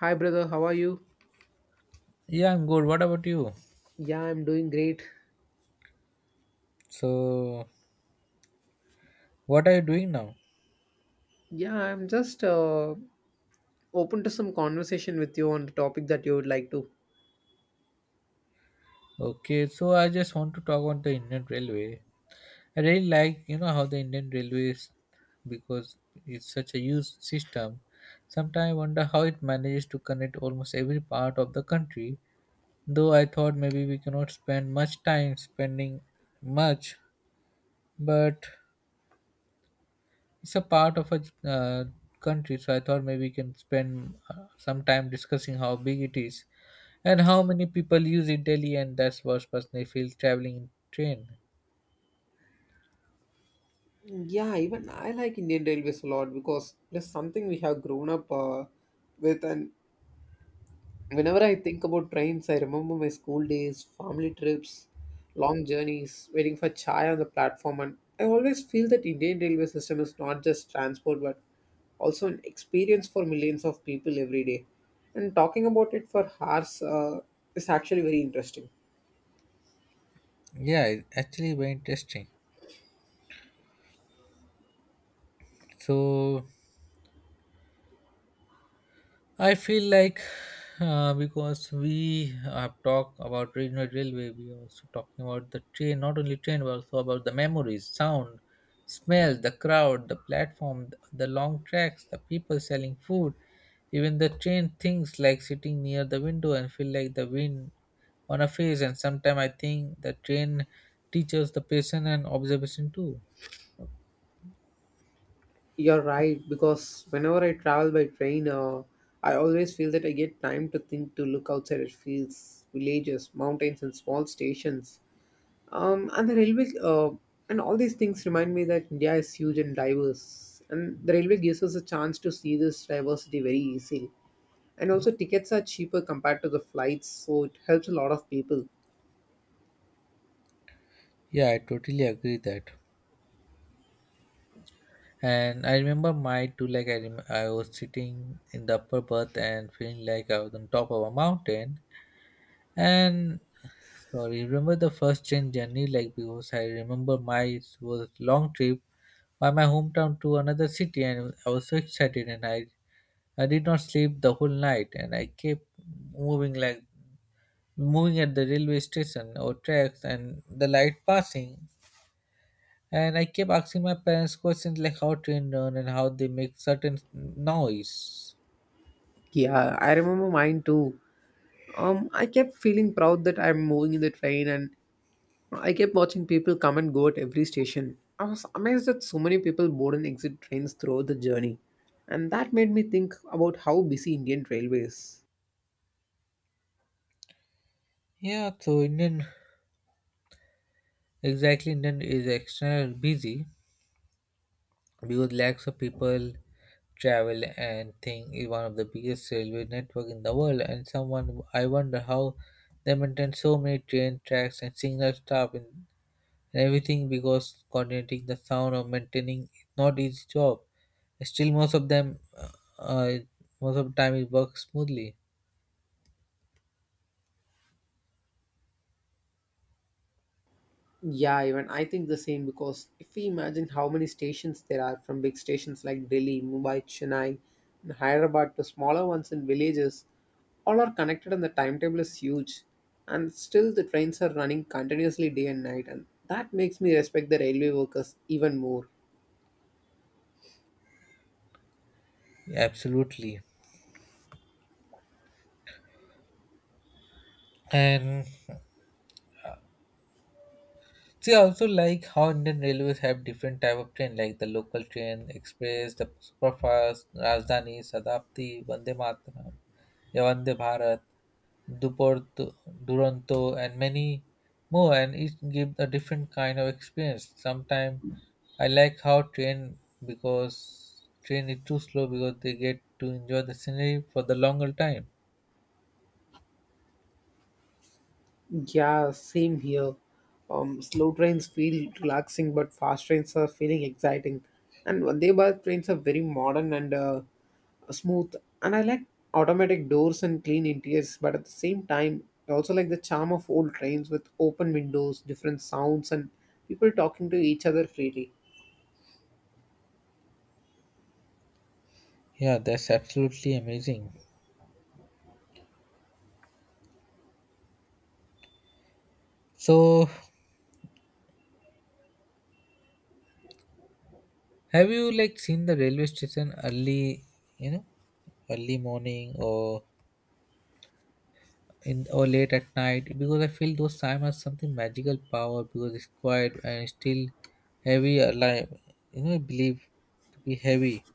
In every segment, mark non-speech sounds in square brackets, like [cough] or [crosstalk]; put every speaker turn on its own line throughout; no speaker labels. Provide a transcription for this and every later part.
Hi, brother. How are you?
Yeah, I'm good. What about you?
Yeah, I'm doing great.
So, what are you doing now?
Yeah, I'm just open to some conversation with you on the topic that you would like to.
Okay, so I just want to talk on the Indian Railway. I really like, you know, how the Indian Railways, because it's such a huge system. Sometimes I wonder how it manages to connect almost every part of the country. Though I thought maybe we cannot spend much time spending much, but it's a part of a uh, country, so I thought maybe we can spend some time discussing how big it is, and how many people use it daily, and that's what personally feels traveling in train.
Yeah, even I like Indian Railways a lot because there's something we have grown up with, and whenever I think about trains, I remember my school days, family trips, long journeys, waiting for chai on the platform, and I always feel that Indian railway system is not just transport but also an experience for millions of people every day. And talking about it for hours is actually very interesting.
Yeah, it actually very interesting. So I feel like because we have talked about regional railway, we are also talking about the train, not only train, but also about the memories, sound, smell, the crowd, the platform, the long tracks, the people selling food, even the train things like sitting near the window and feel like the wind on a face. And sometimes I think the train teaches the patient and observation too.
You're right because whenever I travel by train, I always feel that I get time to think to look outside at fields, villages, mountains, and small stations. And the railway, and all these things remind me that India is huge and diverse, and the railway gives us a chance to see this diversity very easily. And also, tickets are cheaper compared to the flights, so it helps a lot of people.
Yeah, I totally agree that. And I remember my too, like I was sitting in the upper berth and feeling like I was on top of a mountain. And sorry, remember the first train journey, like because I remember my was long trip by my hometown to another city, and I was so excited, and I did not sleep the whole night, and I kept moving like moving at the railway station or tracks, and the light passing. And I kept asking my parents questions like how train run and how they make certain noise.
Yeah, I remember mine too. I kept feeling proud that I'm moving in the train, and I kept watching people come and go at every station. I was amazed that so many people board and exit trains throughout the journey, and that made me think about how busy Indian railways.
Yeah, so Indian is external busy because lakhs of people travel, and thing is one of the biggest railway network in the world, and someone I wonder how they maintain so many train tracks and signal staff and everything, because coordinating the sound or maintaining is not easy job. Still most of them uh, most of the time it works smoothly.
Yeah, even I think the same because if we imagine how many stations there are, from big stations like Delhi, Mumbai, Chennai, and Hyderabad to smaller ones in villages, all are connected and the timetable is huge. And still the trains are running continuously day and night, and that makes me respect the railway workers even more.
Yeah, absolutely. And see, I also like how Indian railways have different type of train, like the local train, express, the superfast, Rajdhani, Sadapti, Vande Mataram, yeah, Vande Bharat, Duporto, Duronto, and many more. And each give a different kind of experience. Sometimes I like how train because train is too slow because they get to enjoy the scenery for the longer time.
Yeah, same here. Slow trains feel relaxing, but fast trains are feeling exciting. And Vande Bharat trains are very modern and smooth, and I like automatic doors and clean interiors, but at the same time I also like the charm of old trains with open windows, different sounds, and people talking to each other freely.
Yeah, that's absolutely amazing. So have you like seen the railway station early, you know, early morning or in or late at night? Because I feel those time has something magical power because it's quiet and still heavy alive. You know, I believe to be heavy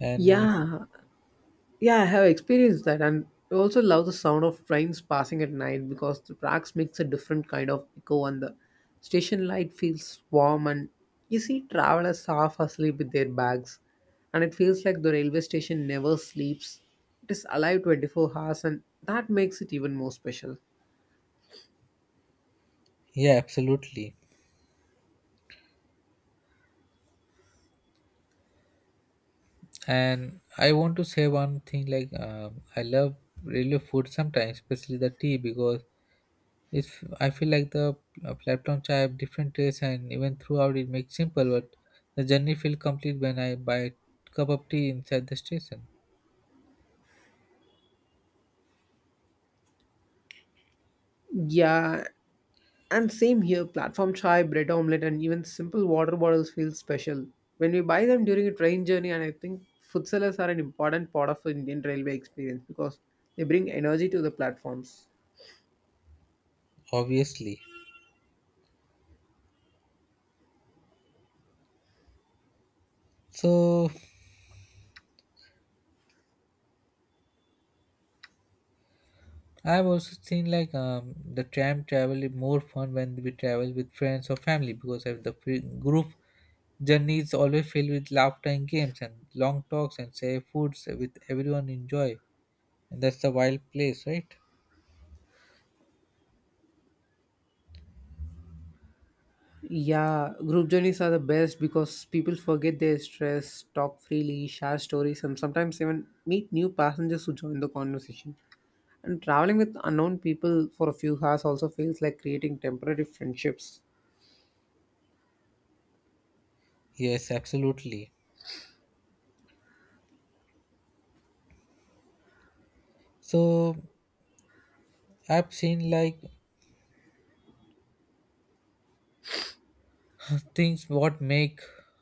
and
Yeah, yeah, I have experienced that, and I also love the sound of trains passing at night because the tracks makes a different kind of echo, and the station light feels warm, and you see travelers half asleep with their bags, and it feels like the railway station never sleeps. It is alive 24 hours, and that makes it even more special.
yeah, absolutely. And I want to say one thing like I love railway food sometimes, especially the tea, because if I feel like the platforms have different tastes, and even throughout it makes simple, but the journey feel complete when I buy a cup of tea inside the station.
Yeah, and same here, platform chai, bread omelette, and even simple water bottles feel special when we buy them during a train journey, and I think food sellers are an important part of Indian railway experience because they bring energy to the platforms.
Obviously. So I've also seen like the tram travel is more fun when we travel with friends or family, because of the group journey is always filled with laughter and games and long talks and share foods with everyone enjoy. And that's the wild place, right?
Yeah, group journeys are the best because people forget their stress, talk freely, share stories, and sometimes even meet new passengers who join the conversation. And traveling with unknown people for a few hours also feels like creating temporary friendships.
Yes, absolutely. So I've seen like things what make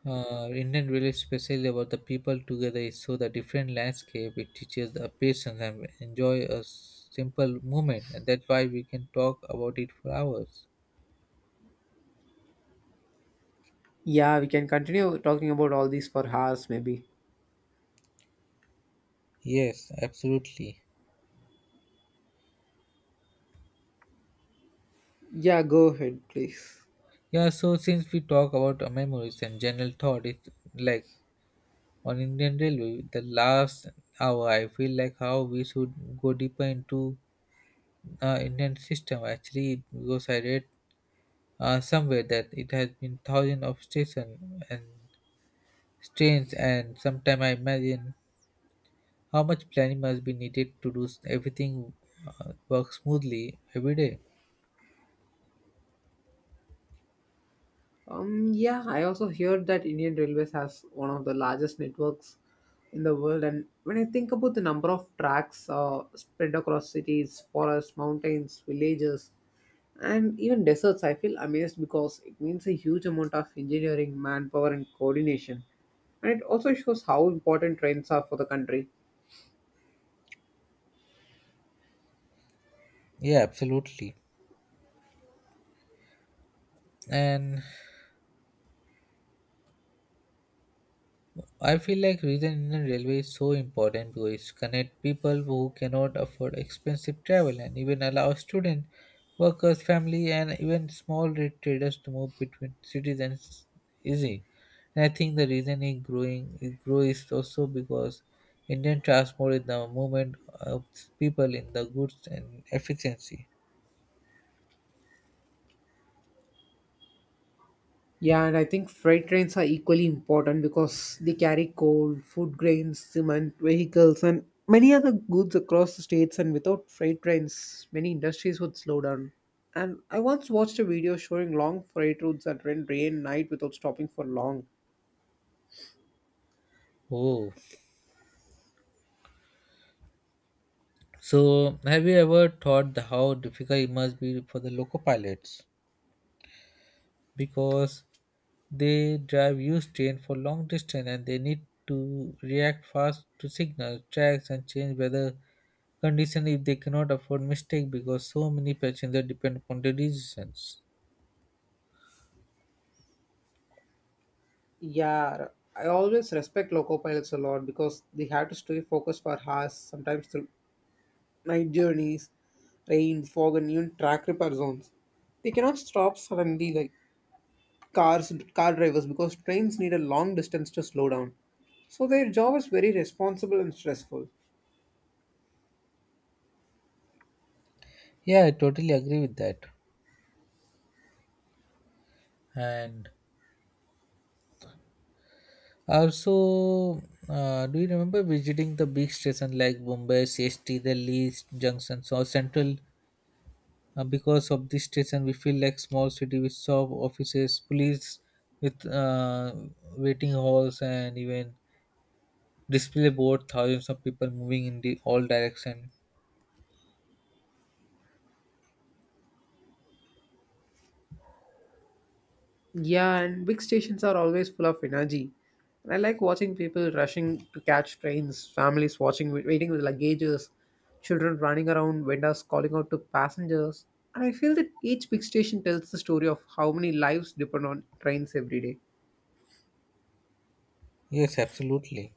Indian really special about the people together is so the different landscape, it teaches the patience and enjoy a simple moment, and that's why we can talk about it for hours.
Yeah, we can continue talking about all these for hours, maybe.
Yes, absolutely.
Yeah, go ahead, please.
Yeah, so since we talk about memories and general thought, it's like on Indian Railway, the last hour, I feel like how we should go deeper into Indian system actually, because I read somewhere that it has been thousands of stations and trains, and sometimes I imagine how much planning must be needed to do everything work smoothly every day.
Yeah, I also heard that Indian Railways has one of the largest networks in the world, and when I think about the number of tracks spread across cities, forests, mountains, villages, and even deserts, I feel amazed because it means a huge amount of engineering, manpower, and coordination. And it also shows how important trains are for the country.
Yeah, absolutely. And I feel like regional Indian railway is so important because it connects people who cannot afford expensive travel, and even allows students, workers, family, and even small rate traders to move between cities and easy. And I think the reason it grow is also because Indian transport is the movement of people in the goods and efficiency.
Yeah, and I think freight trains are equally important because they carry coal, food grains, cement, vehicles, and many other goods across the states. And without freight trains, many industries would slow down. And I once watched a video showing long freight routes that ran day and night without stopping for long.
Oh, so have you ever thought how difficult it must be for the local pilots? Because they drive used train for long distance, and they need to react fast to signals, tracks, and change weather condition, if they cannot afford mistake because so many passengers depend upon their decisions.
Yeah, I always respect loco pilots a lot because they have to stay focused for hours, sometimes through night journeys, rain, fog, and even track repair zones. They cannot stop suddenly, like car drivers, because trains need a long distance to slow down, so their job is very responsible and stressful.
Yeah, I totally agree with that. And also, do you remember visiting the big station like Mumbai, CST, Delhi junctions or Central? Because of this station, we feel like small city with shop offices, police with waiting halls, and even display board thousands of people moving in the all direction.
Yeah, and big stations are always full of energy, and I like watching people rushing to catch trains, families watching waiting with luggages, children running around, vendors calling out to passengers, and I feel that each big station tells the story of how many lives depend on trains every day.
Yes, absolutely.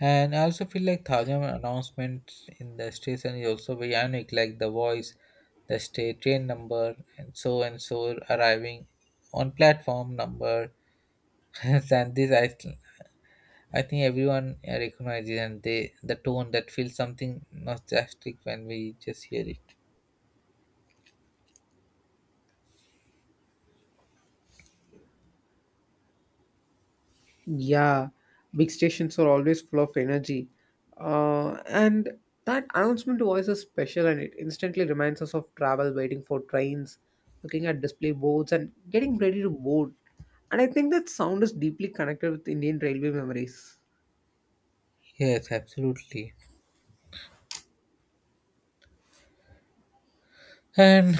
And I also feel like thousand announcements in the station is also very unique, like the voice, the state train number and so arriving on platform number [laughs] and this I think everyone recognizes, and they the tone that feels something nostalgic when we just hear it.
Yeah, big stations are always full of energy. And that announcement voice is special, and it instantly reminds us of travel, waiting for trains, looking at display boards, and getting ready to board. And I think that sound is deeply connected with Indian railway memories.
Yes, absolutely. And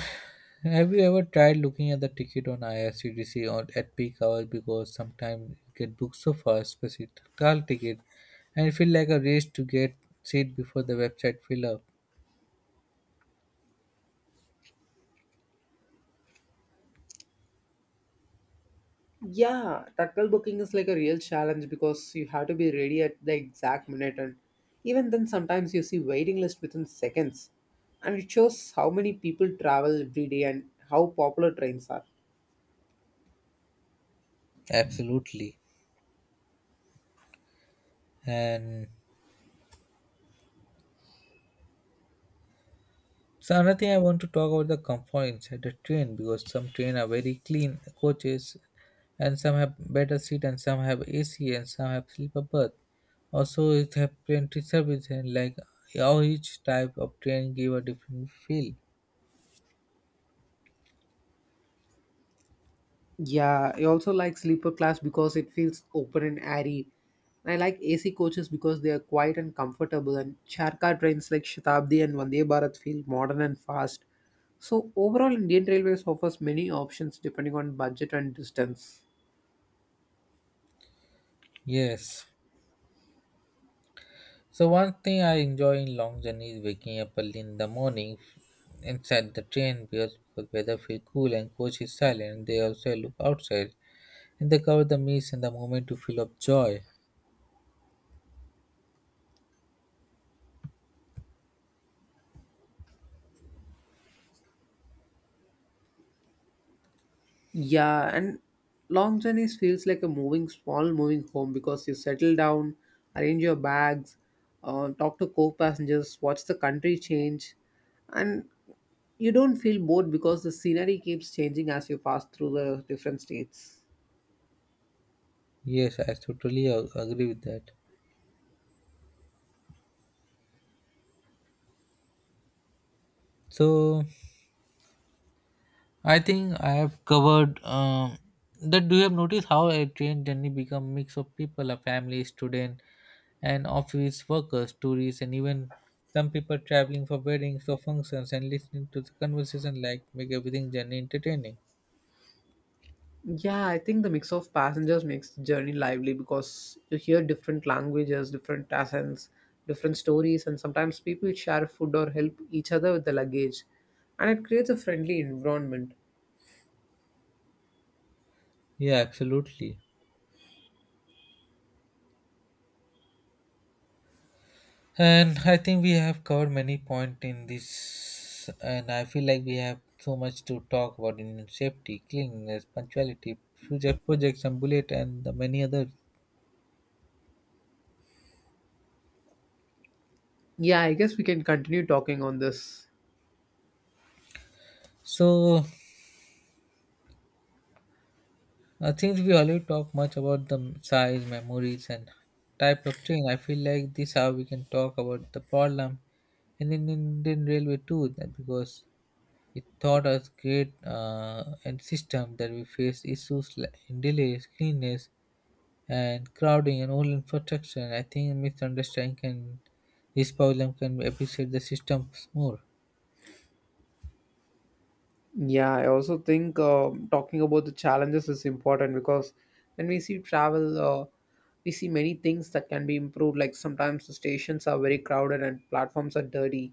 have you ever tried looking at the ticket on IRCTC or at peak hours, because sometimes it get booked so fast, especially tall ticket, and it feel like a race to get seat before the website fill up.
Yeah, tactile booking is like a real challenge because you have to be ready at the exact minute, and even then, sometimes you see waiting list within seconds. And it shows how many people travel every day and how popular trains are.
Absolutely. And so another thing I want to talk about the comfort inside the train, because some train are very clean coaches, and some have better seat, and some have AC, and some have sleeper berth. Also it have plenty service, and like how each type of train give a different feel.
Yeah, I also like sleeper class because it feels open and airy. I like AC coaches because they are quiet and comfortable, and charkar trains like Shatabdi and Vande Bharat feel modern and fast. So overall, Indian Railways offers many options depending on budget and distance.
Yes. So one thing I enjoy in long journey is waking up early in the morning inside the train, because weather feel cool and coach is silent. They also look outside and they cover the mist and the moment to feel of joy.
Yeah, and long journeys feels like a moving small moving home because you settle down, arrange your bags, talk to co-passengers, watch the country change, and you don't feel bored because the scenery keeps changing as you pass through the different states.
Yes, I totally agree with that. So I think I have covered that. Do you have noticed how a train journey become mix of people, a family, student, and office workers, tourists, and even some people traveling for weddings or functions, and listening to the conversation like make everything journey entertaining.
Yeah, I think the mix of passengers makes the journey lively because you hear different languages, different accents, different stories, and sometimes people share food or help each other with the luggage, and it creates a friendly environment.
Yeah, absolutely. And I think we have covered many point in this, and I feel like we have so much to talk about in safety, cleanliness, punctuality, future projects, and bullet, and the many others.
Yeah, I guess we can continue talking on this.
So I think we already talked much about the size, memories, and type of train. I feel like this how we can talk about the problem in Indian Railway too, that because it taught us great and system that we face issues like in delays, cleanness, and crowding and online infrastructure, I think misunderstanding can this problem can appreciate the systems more.
Yeah, I also think talking about the challenges is important because when we see travel, we see many things that can be improved. Like sometimes the stations are very crowded and platforms are dirty.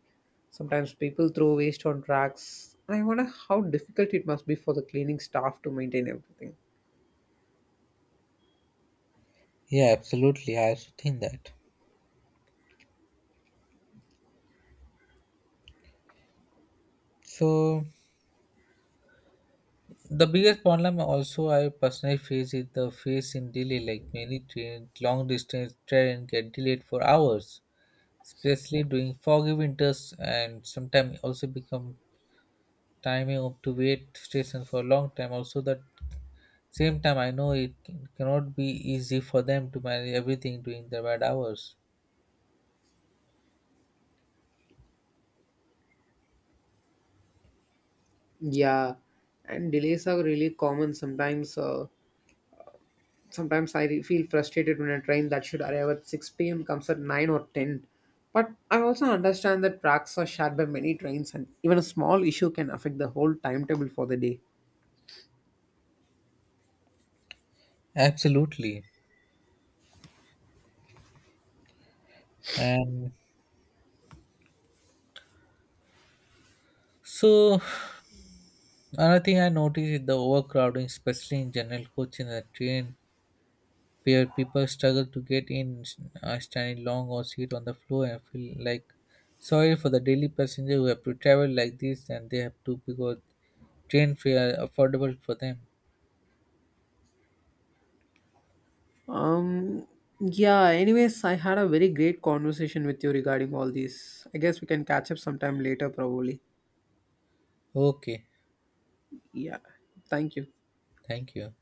Sometimes people throw waste on tracks. I wonder how difficult it must be for the cleaning staff to maintain everything.
Yeah, absolutely. I also think that. So the biggest problem also I personally face is the face in delay. Like many train long distance train get delayed for hours, especially during foggy winters, and sometimes also become timing up to wait station for a long time. Also the same time, I know it cannot be easy for them to manage everything during their bad hours.
Yeah, and delays are really common sometimes. Sometimes I feel frustrated when a train that should arrive at 6 p.m. comes at 9 or 10. But I also understand that tracks are shared by many trains, and even a small issue can affect the whole timetable for the day.
Absolutely. And so, another thing I noticed is the overcrowding, especially in general coach in the train, where people struggle to get in, standing long or sit on the floor and feel like sorry for the daily passenger who have to travel like this, and they have to because train fare are affordable for them.
Um, yeah, anyways, I had a very great conversation with you regarding all these. I guess we can catch up sometime later, probably.
Okay,
Yeah, thank you.
thank you.